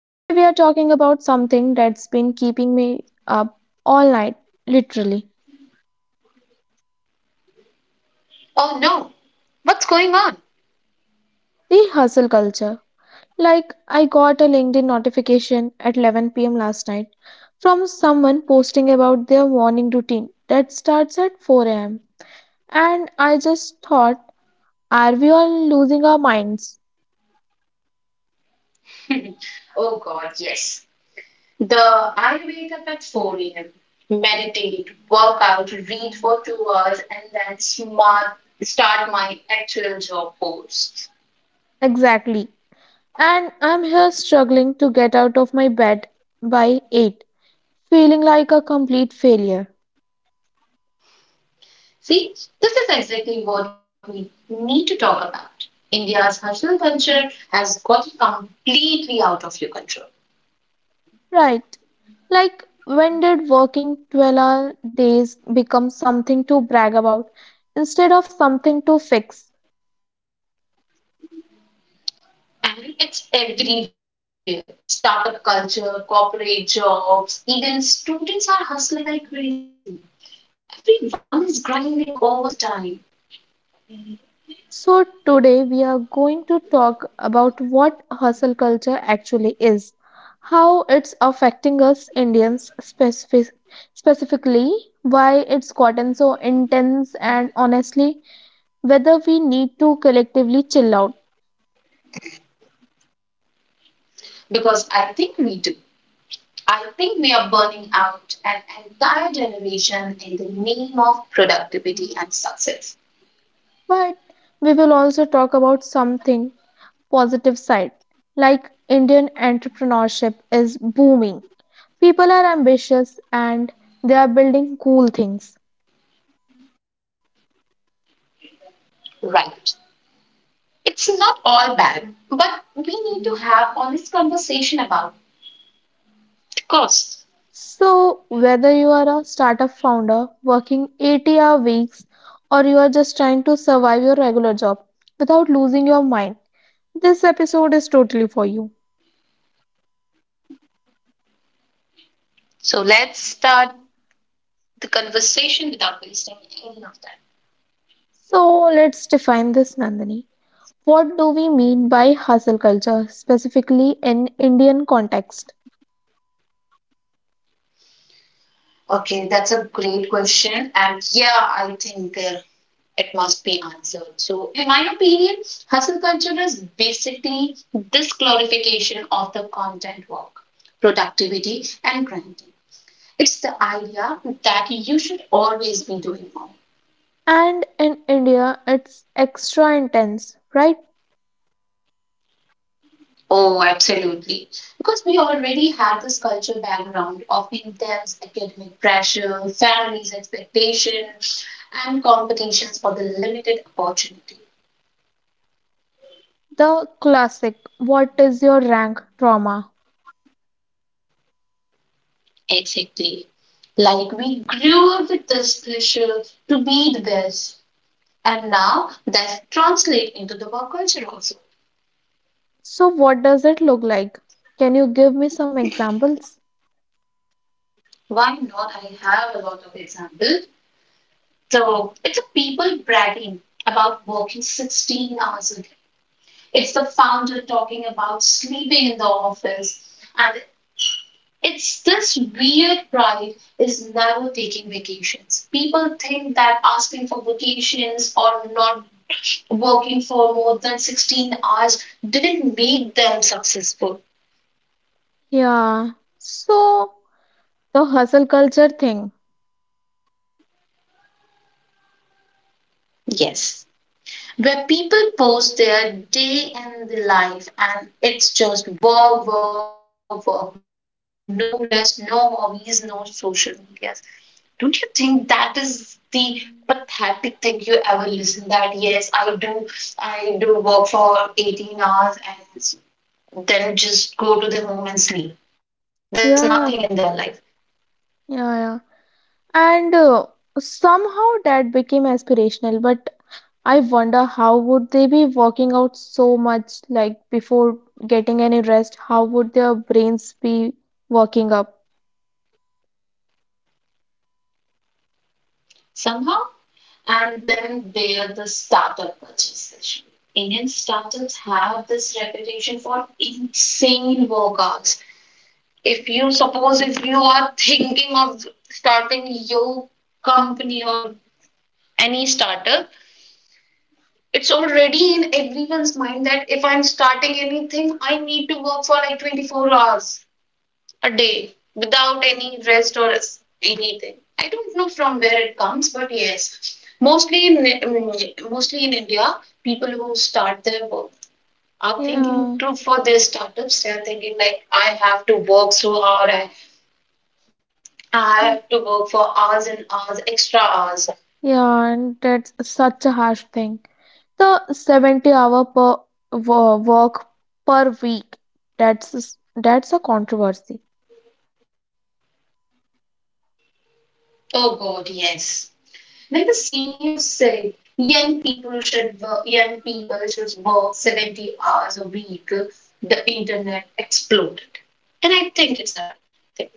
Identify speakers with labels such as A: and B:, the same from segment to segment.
A: Today we are talking about something that's been keeping me up all night, literally
B: Oh no, what's going on?
A: the hustle culture. Like, I got a LinkedIn notification at 11 p.m. last night from someone posting about their morning routine that starts at 4 am. And I just thought, are we all losing our minds?
B: Oh God, yes. The I wake up at 4 a.m., meditate, work out, read for 2 hours, and then smart start my actual job posts.
A: Exactly. And I'm here struggling to get out of my bed by 8, feeling like a complete failure.
B: See, this is exactly what we need to talk about. India's hustle culture has got it completely out of your control.
A: Right. Like, when did working 12-hour days become something to brag about instead of something to fix?
B: And it's everywhere. Startup culture, corporate jobs, even students are hustling like crazy. Everyone is grinding all the time
A: So, today we are going to talk about what hustle culture actually is, how it's affecting us Indians specifically, why it's gotten so intense, and honestly, whether we need to collectively chill out.
B: because I think we do. I think we are burning out an entire generation in the name of productivity and success.
A: But we will also talk about something positive side. Like Indian entrepreneurship is booming. People are ambitious and they are building cool things.
B: Right. It's not all bad, but we need to have honest conversation about the cost.
A: So, whether you are a startup founder working 80-hour weeks or you are just trying to survive your regular job without losing your mind, this episode is totally for you.
B: So let's start the conversation without wasting any of time.
A: So, let's define this, Nandini. What do we mean by hustle culture, specifically in Indian context?
B: Okay, that's a great question. And yeah, I think it must be answered. So, in my opinion, hustle culture is basically this glorification of the content work, productivity, and grinding. It's the idea that you should always be doing more.
A: And in India, it's extra intense, right?
B: Oh, absolutely. Because we already have this culture background of intense academic pressure, families' expectation, and competitions for the limited opportunity.
A: The classic, what is your rank trauma?
B: Exactly. Like we grew up with this pressure to be the best. And now that translates into the work culture also.
A: So, what does it look like? Can you give me some examples?
B: Why not? I have a lot of examples. So it's a people bragging about working 16 hours a day. It's the founder talking about sleeping in the office. And it's this weird pride is never taking vacations. People think that asking for vacations or not working for more than 16 hours didn't make them successful.
A: Yeah. So, the hustle culture thing.
B: Yes. Where people post their day in the life, and it's just work, work, work, no rest, no hobbies, no social medias. Don't you think that is the pathetic thing you ever listen that yes, I do work for 18 hours and then just go to the home and sleep. There's nothing in
A: Yeah,
B: their life.
A: yeah, yeah. And Somehow that became aspirational, but I wonder how would they be working out so much like before getting any rest? How would their brains be working up?
B: Somehow. And then they are the startup purchases. Indian startups have this reputation for insane workouts. If you suppose if you are thinking of starting your company or any startup, it's already in everyone's mind that if I'm starting anything, I need to work for like 24 hours a day without any rest or anything. I don't know from where it comes, but yes, mostly in India, people who start their work are thinking
A: Yeah,
B: too for their startups. They are thinking like, I have to work so hard. I
A: yeah,
B: have to work for hours and hours, extra hours.
A: yeah, and that's such a harsh thing. The 70 hour per work per week. That's a controversy.
B: Oh God, yes. When the CEO said young people should work, young people should work 70 hours a week, the internet exploded. And I think it's a thing.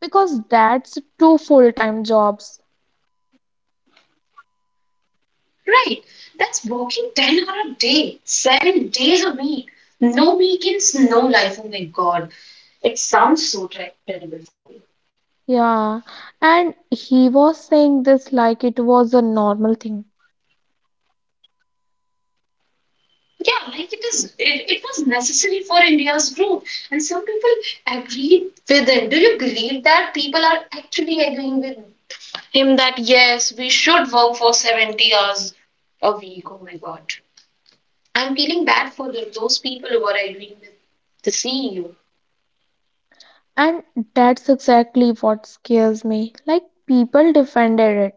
A: Because that's two full-time jobs.
B: Right. That's working 10 hours a day, 7 days a week. No weekends, no life. Oh my God. It sounds so terrible for me.
A: Yeah. And he was saying this like it was a normal thing.
B: Yeah, like it was necessary for India's growth. And some people agreed with him. Do you believe that people are actually agreeing with him that yes, we should work for 70 hours a week? Oh my God. I'm feeling bad for those people who are agreeing with the CEO.
A: And that's exactly what scares me. Like people defended it.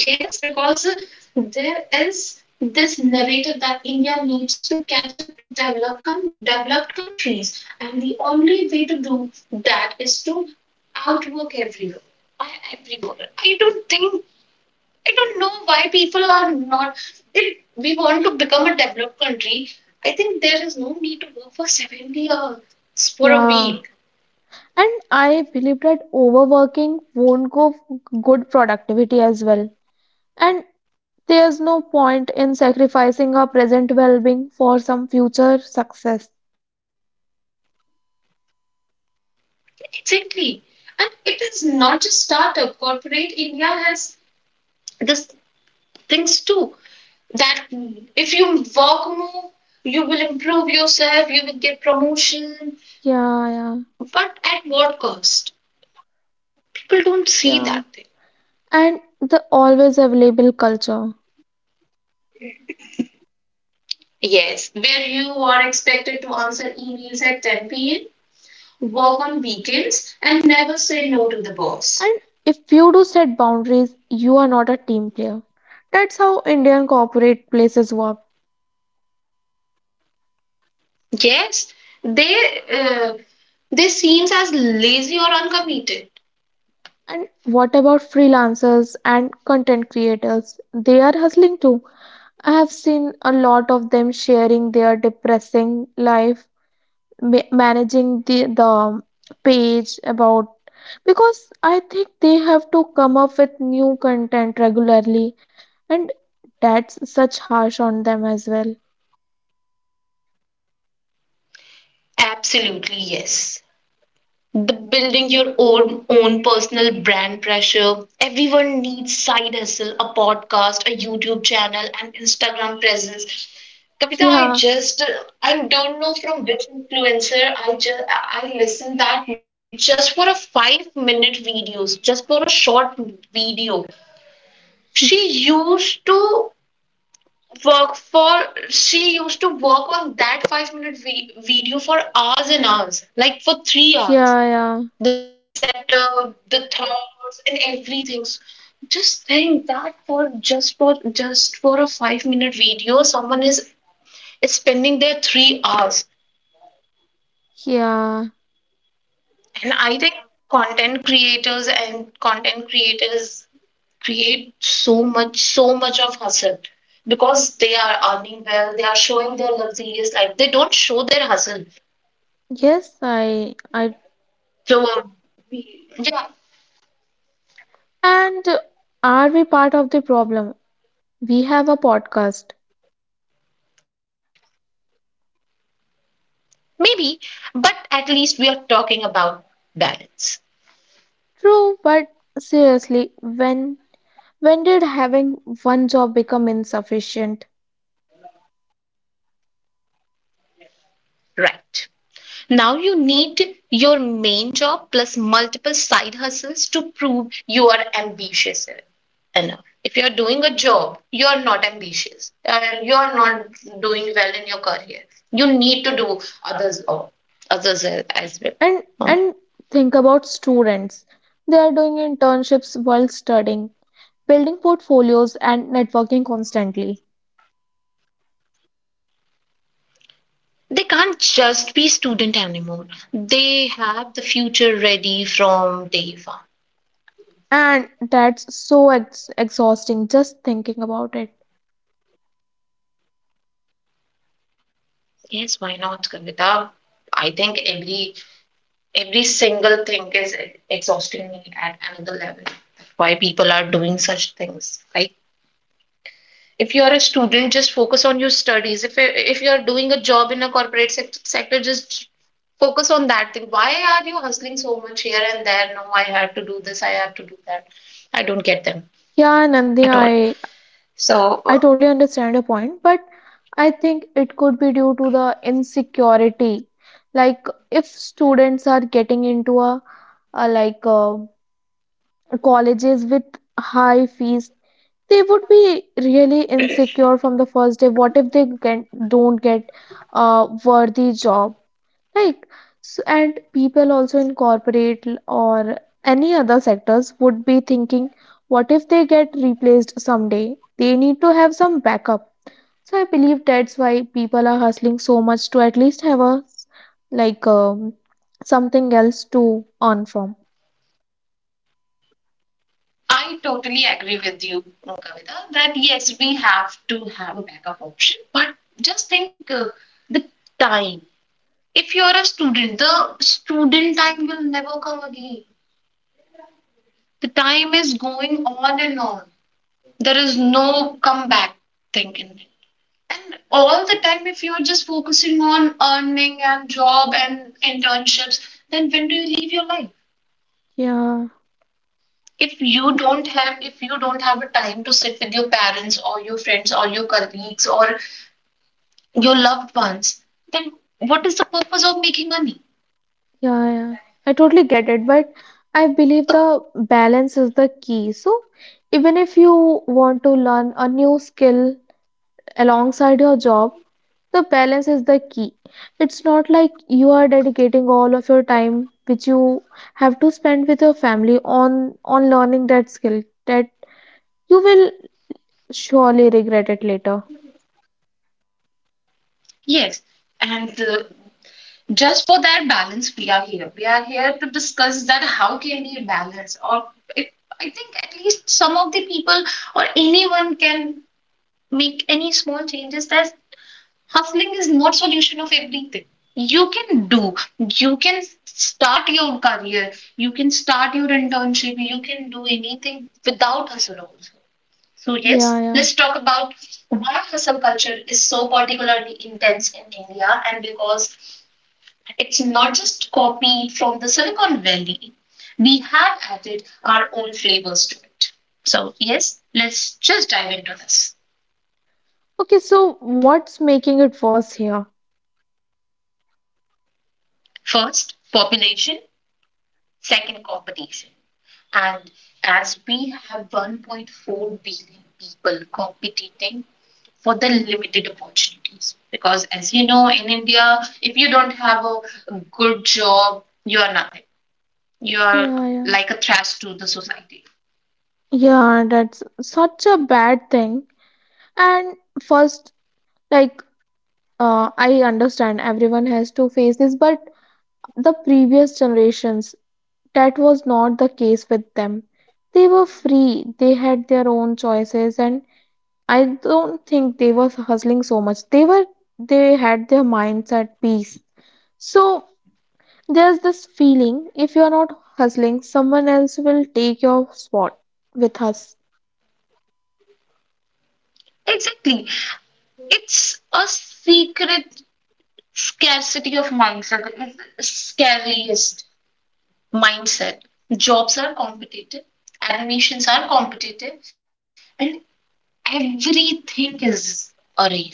B: Yes, because there is this narrative that India needs to catch up to developed countries, and the only way to do that is to outwork everyone. I, Everyone. I don't think I don't know why people are not. If we want to become a developed country, I think there is no need to work for 70 hours for a
A: Yeah.
B: week.
A: And I believe that overworking won't go good productivity as well. And there's no point in sacrificing our present well-being for some future success.
B: Exactly, and it is not just startup. Corporate India has this things too, that if you work more, you will improve yourself, you will get promotion,
A: Yeah, yeah,
B: but at what cost? People don't see
A: yeah.
B: that thing.
A: And the always available culture.
B: Yes, where you are expected to answer emails at 10 p.m., work on weekends, and never say no to the
A: And
B: boss.
A: if you do set boundaries, you are not a team player. That's how Indian corporate places work.
B: Yes, they uh, they seems as lazy or uncommitted.
A: And what about freelancers and content creators? They are hustling too. I have seen a lot of them sharing their depressing life, managing the page about because I think they have to come up with new content regularly, and that's such harsh on them as well.
B: Absolutely, yes, the building your own personal brand pressure. Everyone needs side hustle, a podcast, a YouTube channel, and Instagram presence. Kavita, I
A: Yeah,
B: just I don't know from which influencer I listened that just for a 5-minute videos, just for a short video.
A: yeah,
B: She used to work for used to work on that 5-minute video for hours and hours, like for 3 hours
A: yeah.
B: the sector, the thoughts, and everything. So just think that for just for a 5-minute video, someone is spending their 3 hours.
A: Yeah,
B: And I think content creators create so much, so much of hustle because they are earning well, they are showing their luxurious life. They don't show their hustle.
A: yes,
B: So yeah,
A: and are we part of the problem? We have a podcast.
B: maybe, but at least we are talking about balance.
A: True, but seriously, when did having one job become insufficient?
B: Right. Now you need your main job plus multiple side hustles to prove you are ambitious enough. If you're doing a job, you're not ambitious. You're not doing well in your career. You need to do others as well.
A: And
B: Um,
A: and think about students. They are doing internships while studying, building portfolios and networking constantly.
B: They can't just be student anymore. They have the future ready from day one.
A: And that's so ex exhausting just thinking about it.
B: Yes, why not, Kavita? I think every single thing is exhausting me at another level. That's why people are doing such things, right? If you are a student, just focus on your studies. If you are doing a job in a corporate sector, just focus on that thing. Why are you hustling so much here and there? No, I have to do this. I have to do that. I don't get them
A: Yeah,
B: at all.
A: Nandini,
B: So
A: I totally understand your point, but I think it could be due to the insecurity. Like if students are getting into a colleges with high fees, they would be really insecure from the first day. What if they don't get a worthy job? Like so, and people also in corporate l- or any other sectors would be thinking, what if they get replaced someday? They need to have some backup so I believe that's why people are hustling so much to at least have a like um, something else to earn from.
B: I totally agree with you, Kavita, that yes, we have to have a backup option, but just think, the time, if you are a student, the student time will never come again. The time is going on and on. There is no comeback thing in it. All the time, if you are just focusing on earning and job and internships, then when do you leave your life?
A: Yeah,
B: If you don't have a time to sit with your parents or your friends or your colleagues or your loved ones, then what is the purpose of making money?
A: yeah, yeah. I totally get it, but I believe the balance is the key. So even if you want to learn a new skill alongside your job, the balance is the key. It's not like you are dedicating all of your time which you have to spend with your family on learning that skill. That you will surely regret it later.
B: Yes, and just for that balance, we are here to discuss that how can we balance or if, I think at least some of the people or anyone can make any small changes that hustling is not solution of everything. you can do you can start your career, you can start your internship, you can do anything without hustle also. So yes,
A: Yeah, yeah.
B: let's talk about why hustle culture is so particularly intense in India, and because it's not just copied from the Silicon Valley. We have added our own flavors to it. So, yes, let's just dive into this.
A: Okay, so what's making it worse here?
B: First, population, second, competition. And as we have 1.4 billion people competing for the limited opportunities, because as you know, in India, if you don't have a good job, you are nothing. You are
A: Yeah, yeah.
B: like a trash to the society.
A: Yeah, that's such a bad thing. And first, like, I understand everyone has to face this, but the previous generations, that was not the case with them. They were free, they had their own choices, and I don't think they were hustling so much. They had their minds at peace. So there's this feeling if you're not hustling, someone else will take your spot with us.
B: Exactly. It's a secret scarcity of mindset, it's the scariest mindset. Jobs are competitive, animations are competitive, and everything is a race.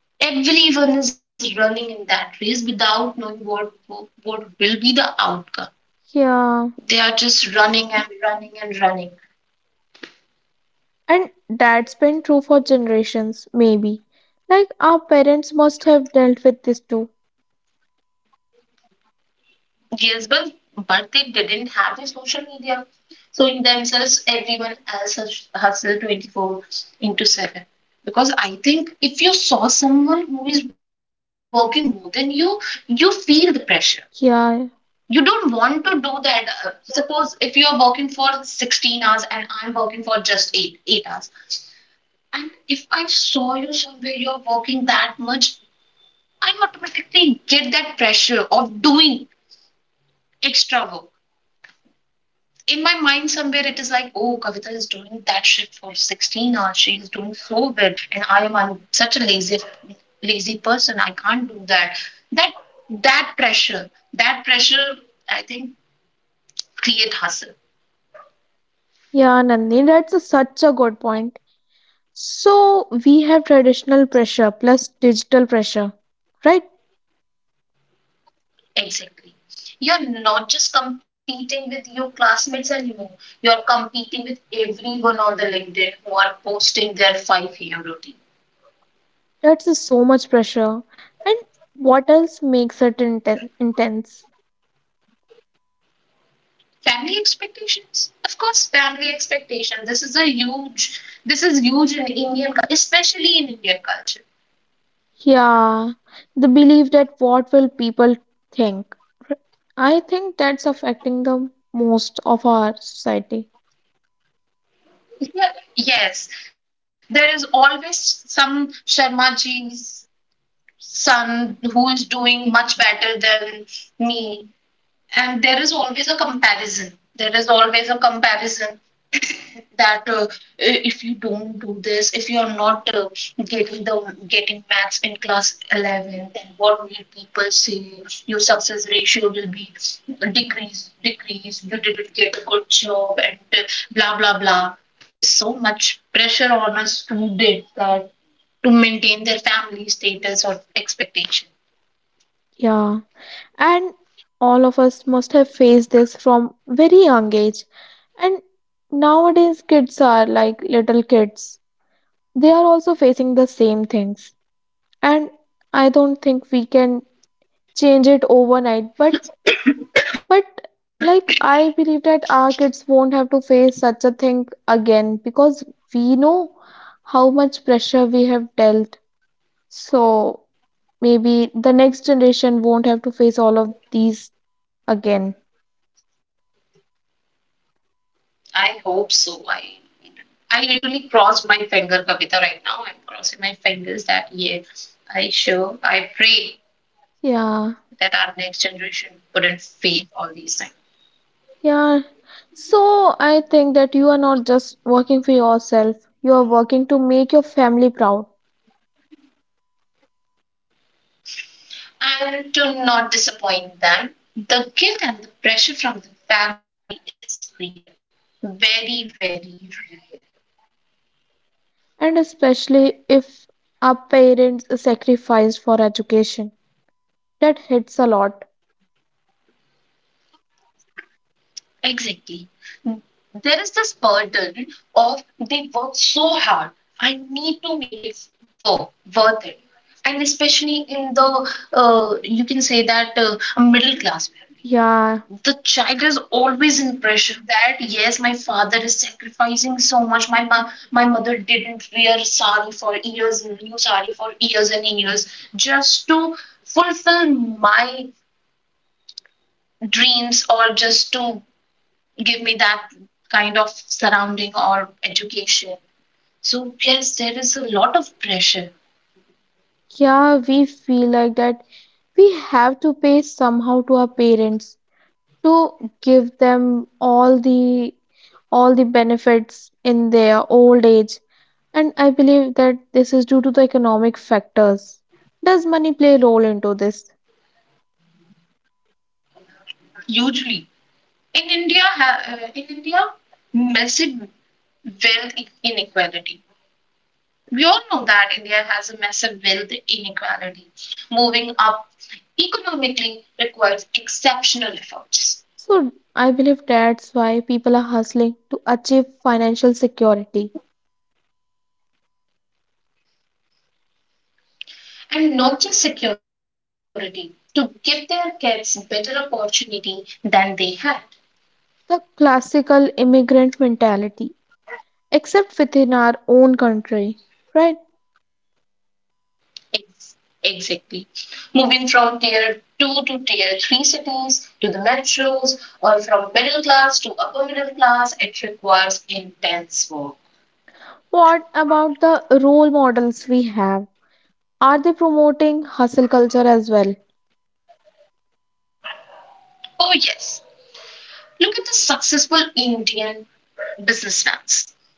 B: Everyone is running in that race without knowing what will be the outcome.
A: Yeah.
B: They are just running and running and running.
A: And that's been true for generations, maybe. Like our parents must have dealt with this too.
B: Yes, but they didn't have the social media, so in themselves, everyone else hustle 24 into 7. Because I think if you saw someone who is working more than you, you feel the pressure. You
A: Yeah.
B: don't want to do that. Suppose if you are working for 16 hours and I'm working for just 8 hours, and if I saw you somewhere you're working that much, I automatically get that pressure of doing extra work. In my mind, somewhere, it is like, oh, Kavita is doing that shift for 16 hours, she is doing so well, and I'm such a lazy person, I can't do that. That pressure, that pressure I think, create hustle.
A: Yeah, Nandini, such a good point. So we have traditional pressure plus digital pressure, right?
B: Exactly, you're not just competing with your classmates anymore, you're competing with everyone on the LinkedIn who are posting their 5 a.m. routine.
A: That's a so much pressure. And what else makes it intense?
B: Family expectations, of course. Family expectation, this is huge especially in Indian culture.
A: Yeah, the belief that what will people think? R- I think that's affecting the most of our society.
B: Yeah, yes, there is always some Sharmaji's son who is doing much better than me, and there is always a comparison there is always a comparison that if you don't do this, if you are not getting maths in class 11, then what will people say? Your success ratio will be decrease. You didn't get a good job, and blah blah blah. There is so much pressure on a student that to maintain their family status or expectation.
A: Yeah, and all of us must have faced this from very young age. And nowadays, kids are like little kids. They are also facing the same things. And I don't think we can change it overnight, but like I believe that our kids won't have to face such a thing again because we know how much pressure we have dealt. So maybe the next generation won't have to face all of these again.
B: I hope so. I literally crossed my finger, Kavita, right now. I'm crossing my fingers that yeah, I pray
A: Yeah.
B: that our next generation wouldn't fail all these things.
A: Yeah. So I think that you are not just working for yourself, you are working to make your family proud.
B: And to not disappoint them, the guilt and the pressure from the family is real. Very, very real.
A: And especially if our parents sacrificed for education. That hits a lot.
B: Exactly. There is this burden of they work so hard. I need to make it for worth it. And especially in the you can say that a middle class family,
A: Yeah.
B: the child is always in pressure that yes, my father is sacrificing so much. My mother didn't wear sari for years, new sari for years and years, just to fulfill my dreams or just to give me that kind of surrounding or education. So yes, there is a lot of pressure.
A: Yeah, we feel like that we have to pay somehow to our parents to give them all the benefits in their old age. And I believe that this is due to the economic factors. Does money play a role into this?
B: Hugely in India, massive wealth inequality. We all know that India has a massive wealth inequality. Moving up economically requires exceptional efforts,
A: So I believe that's why people are hustling to achieve financial security.
B: and not just security, to give their kids better opportunity than they had.
A: The classical immigrant mentality, except within our own country, right?
B: Ex- Exactly. Moving from tier 2 to tier 3 cities to the metros, or from middle class to upper middle class, it requires intense work.
A: What about the role models we have? Are they promoting hustle culture as well?
B: Oh, yes. Look at the successful Indian businessmen.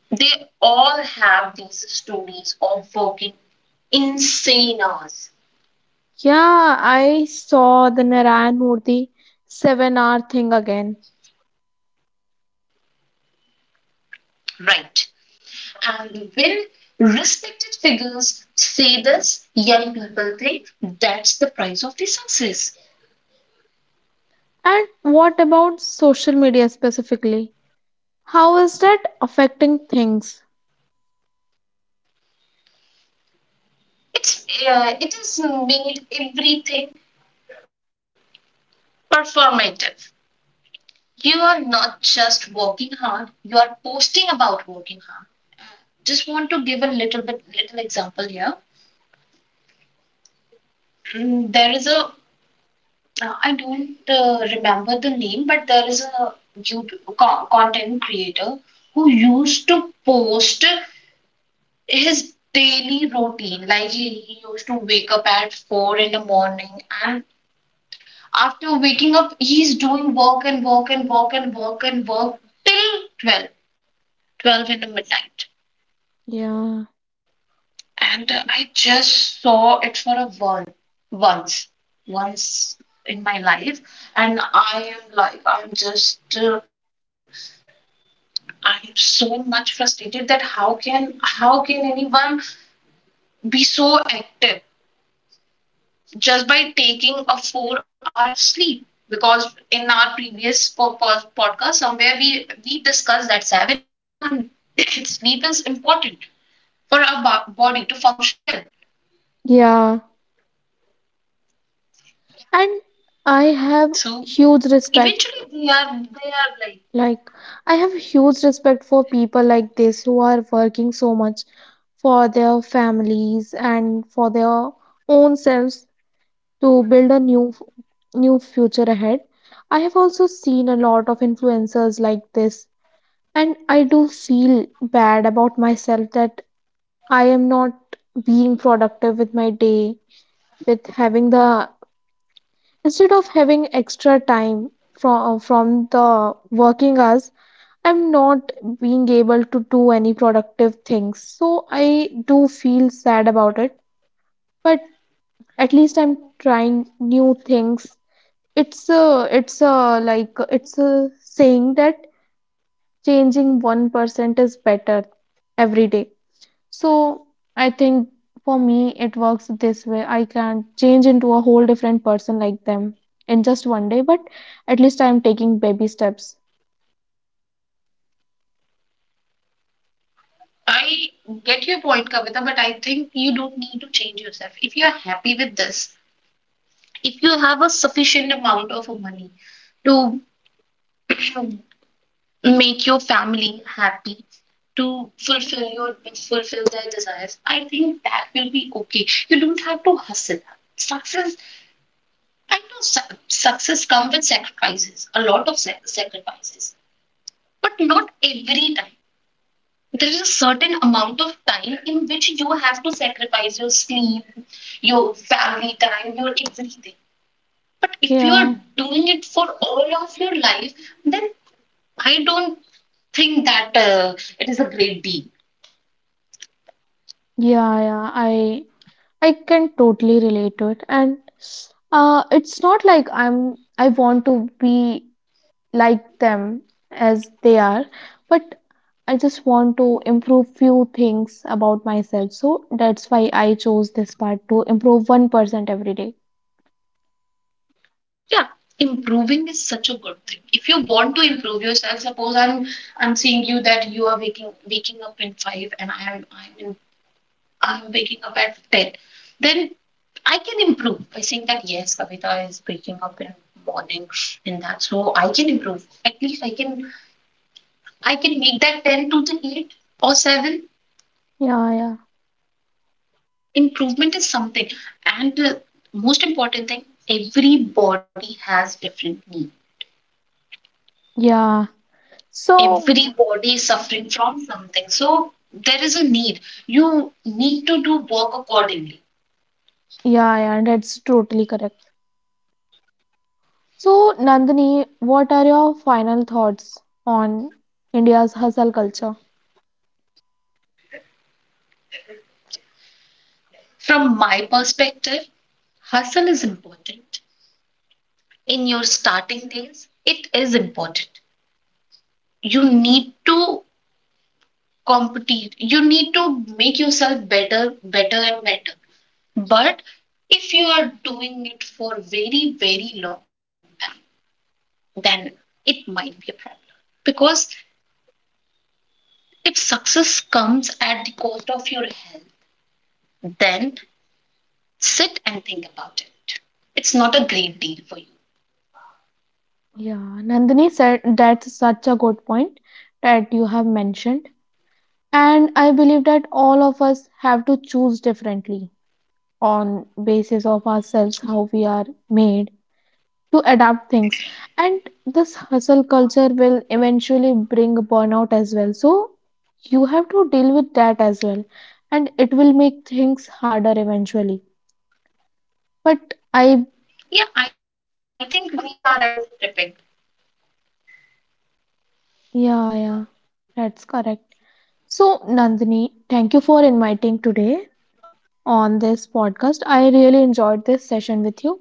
B: They all have these stories of working insane hours,
A: Yeah, I saw the Narayan Murthy 7 hour thing again.
B: right? And when respected figures say this, young people think that's the price of the success.
A: And what about social media specifically? How is that affecting things?
B: It is made everything performative. You are not just working hard; you are posting about working hard. Just want to give a little bit little example here. There is a I don't remember the name, but there is a YouTube content creator who used to post his daily routine. Like he used to wake up at 4 in the morning, and after waking up, he's doing work and work and work and work and work till 12, 12 in the midnight.
A: Yeah,
B: And I just saw it for a while, once, once in my life. And I am like, I'm so much frustrated that how can anyone be so active, just by taking a 4-hour sleep? Because in our previous podcast somewhere we discussed that 7-hour sleep is important for our body to function well.
A: yeah. And I have
B: So
A: huge respect
B: eventually they are like,
A: Like, I have huge respect for people like this who are working so much for their families and for their own selves to build a new future ahead. I have also seen a lot of influencers like this, and I do feel bad about myself that I am not being productive with my day, with having the instead of having extra time from the working hours I'm not being able to do any productive things. So I do feel sad about it, but at least I'm trying new things. It's a saying that changing 1% is better every day. So I think for me, it works this way. I can change into a whole different person like them in just one day, but at least I'm taking baby steps.
B: I get your point, Kavita, but I think you don't need to change yourself if you are happy with this. If you have a sufficient amount of money to make your family happy, to fulfill their desires, I think that will be okay. You don't have to hustle. Success, I know success comes with sacrifices, a lot of sacrifices. But not every time. There is a certain amount of time in which you have to sacrifice your sleep, your family time, your everything. But if you are
A: Yeah,
B: doing it for all of your life, then I don't think that it is a great deal.
A: yeah, yeah. I can totally relate to it, and it's not like I want to be like them as they are, but I just want to improve few things about myself. So that's why I chose this part to improve 1% every day.
B: Yeah, improving is such a good thing. If you want to improve yourself, suppose I'm seeing you that you are waking up in 5, and I am I'm in, I'm waking up at 10, then I can improve by saying that yes, Kavita is waking up in morning in that, so I can improve. At least I can make that 10 to the 8 or 7.
A: Yeah, yeah,
B: Improvement is something, and the most important thing: every body has different need.
A: yeah. So
B: Every body is suffering from something, so there is a need. You need to do work accordingly.
A: yeah, yeah, that's totally correct. So Nandini, what are your final thoughts on India's hustle culture?
B: From my perspective, hustle is important. In your starting days it is important. You need to compete, you need to make yourself better, better and better. But if you are doing it for very very long time, then it might be a problem. Because if success comes at the cost of your health, then sit and think about it. It's not a great deal for you.
A: Yeah, Nandini said that's such a good point that you have mentioned. And I believe that all of us have to choose differently on basis of ourselves, how we are made to adapt things. And this hustle culture will eventually bring burnout as well. So you have to deal with that as well. And it will make things harder eventually. But I,
B: Yeah, I think we are at the tipping.
A: yeah, yeah, that's correct. So, Nandini, thank you for inviting today on this podcast. I really enjoyed this session with you.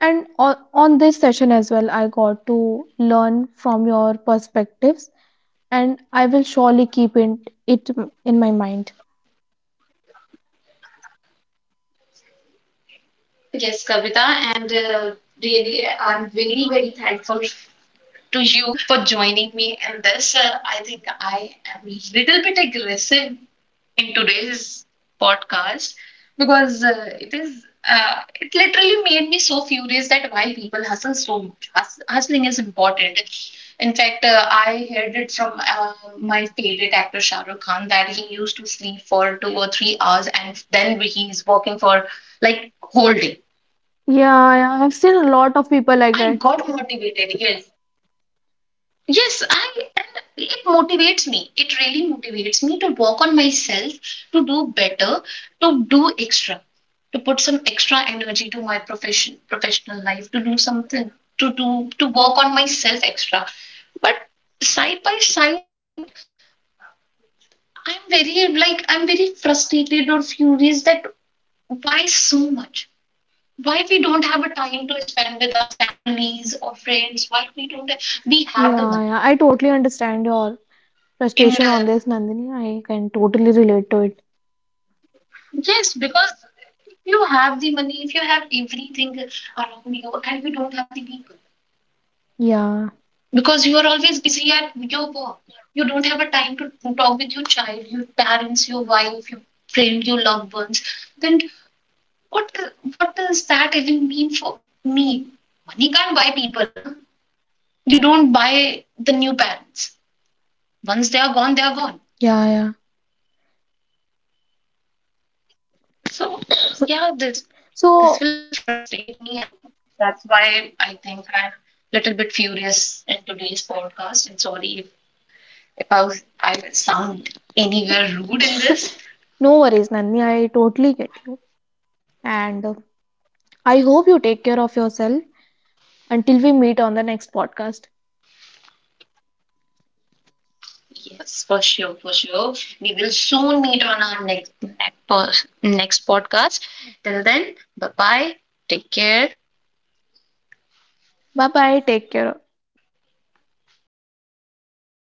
A: And on this session as well, I got to learn from your perspectives, and I will surely keep it in my mind.
B: Yes, Kavita, and really, I'm very, very thankful to you for joining me in this. I think I am a little bit aggressive in today's podcast, because it literally made me so furious that why people hustle so much. Hustling is important. In fact, I heard it from my favorite actor Shah Rukh Khan that he used to sleep for 2 or 3 hours and then he is working for like whole day.
A: Yeah, yeah, I've seen a lot of people like
B: I
A: that.
B: got motivated. Yes, yes, I and it motivates me. It really motivates me to work on myself, to do better, to do extra, to put some extra energy to my profession, professional life, to do something, to do to work on myself extra. But side by side, I'm very frustrated or furious that why so much? Why we don't have a time to spend with our families or friends? Why we don't we have the money?
A: Yeah, yeah, I totally understand your
B: In
A: frustration on this, Nandini. I can totally relate to it.
B: Yes, because if you have the money, if you have everything around you, and you don't have the people,
A: Yeah,
B: because you are always busy at your work, you don't have a time to talk with your child, your parents, your wife, your friend, your loved ones. Then what what does that even mean for me? Money can't buy people, no? You don't buy the new parents. Once they are gone, they are gone.
A: yeah, yeah.
B: So yeah, this
A: So,
B: this will frustrate me, and that's why I think I'm a little bit furious in today's podcast. And sorry if I sound anywhere rude in this.
A: no worries, Nandini. I totally get you. And I hope you take care of yourself until we meet on the next podcast.
B: Yes, for sure, for sure. We will soon meet on our next podcast. Till then, bye bye. Take care.
A: Bye bye. Take care.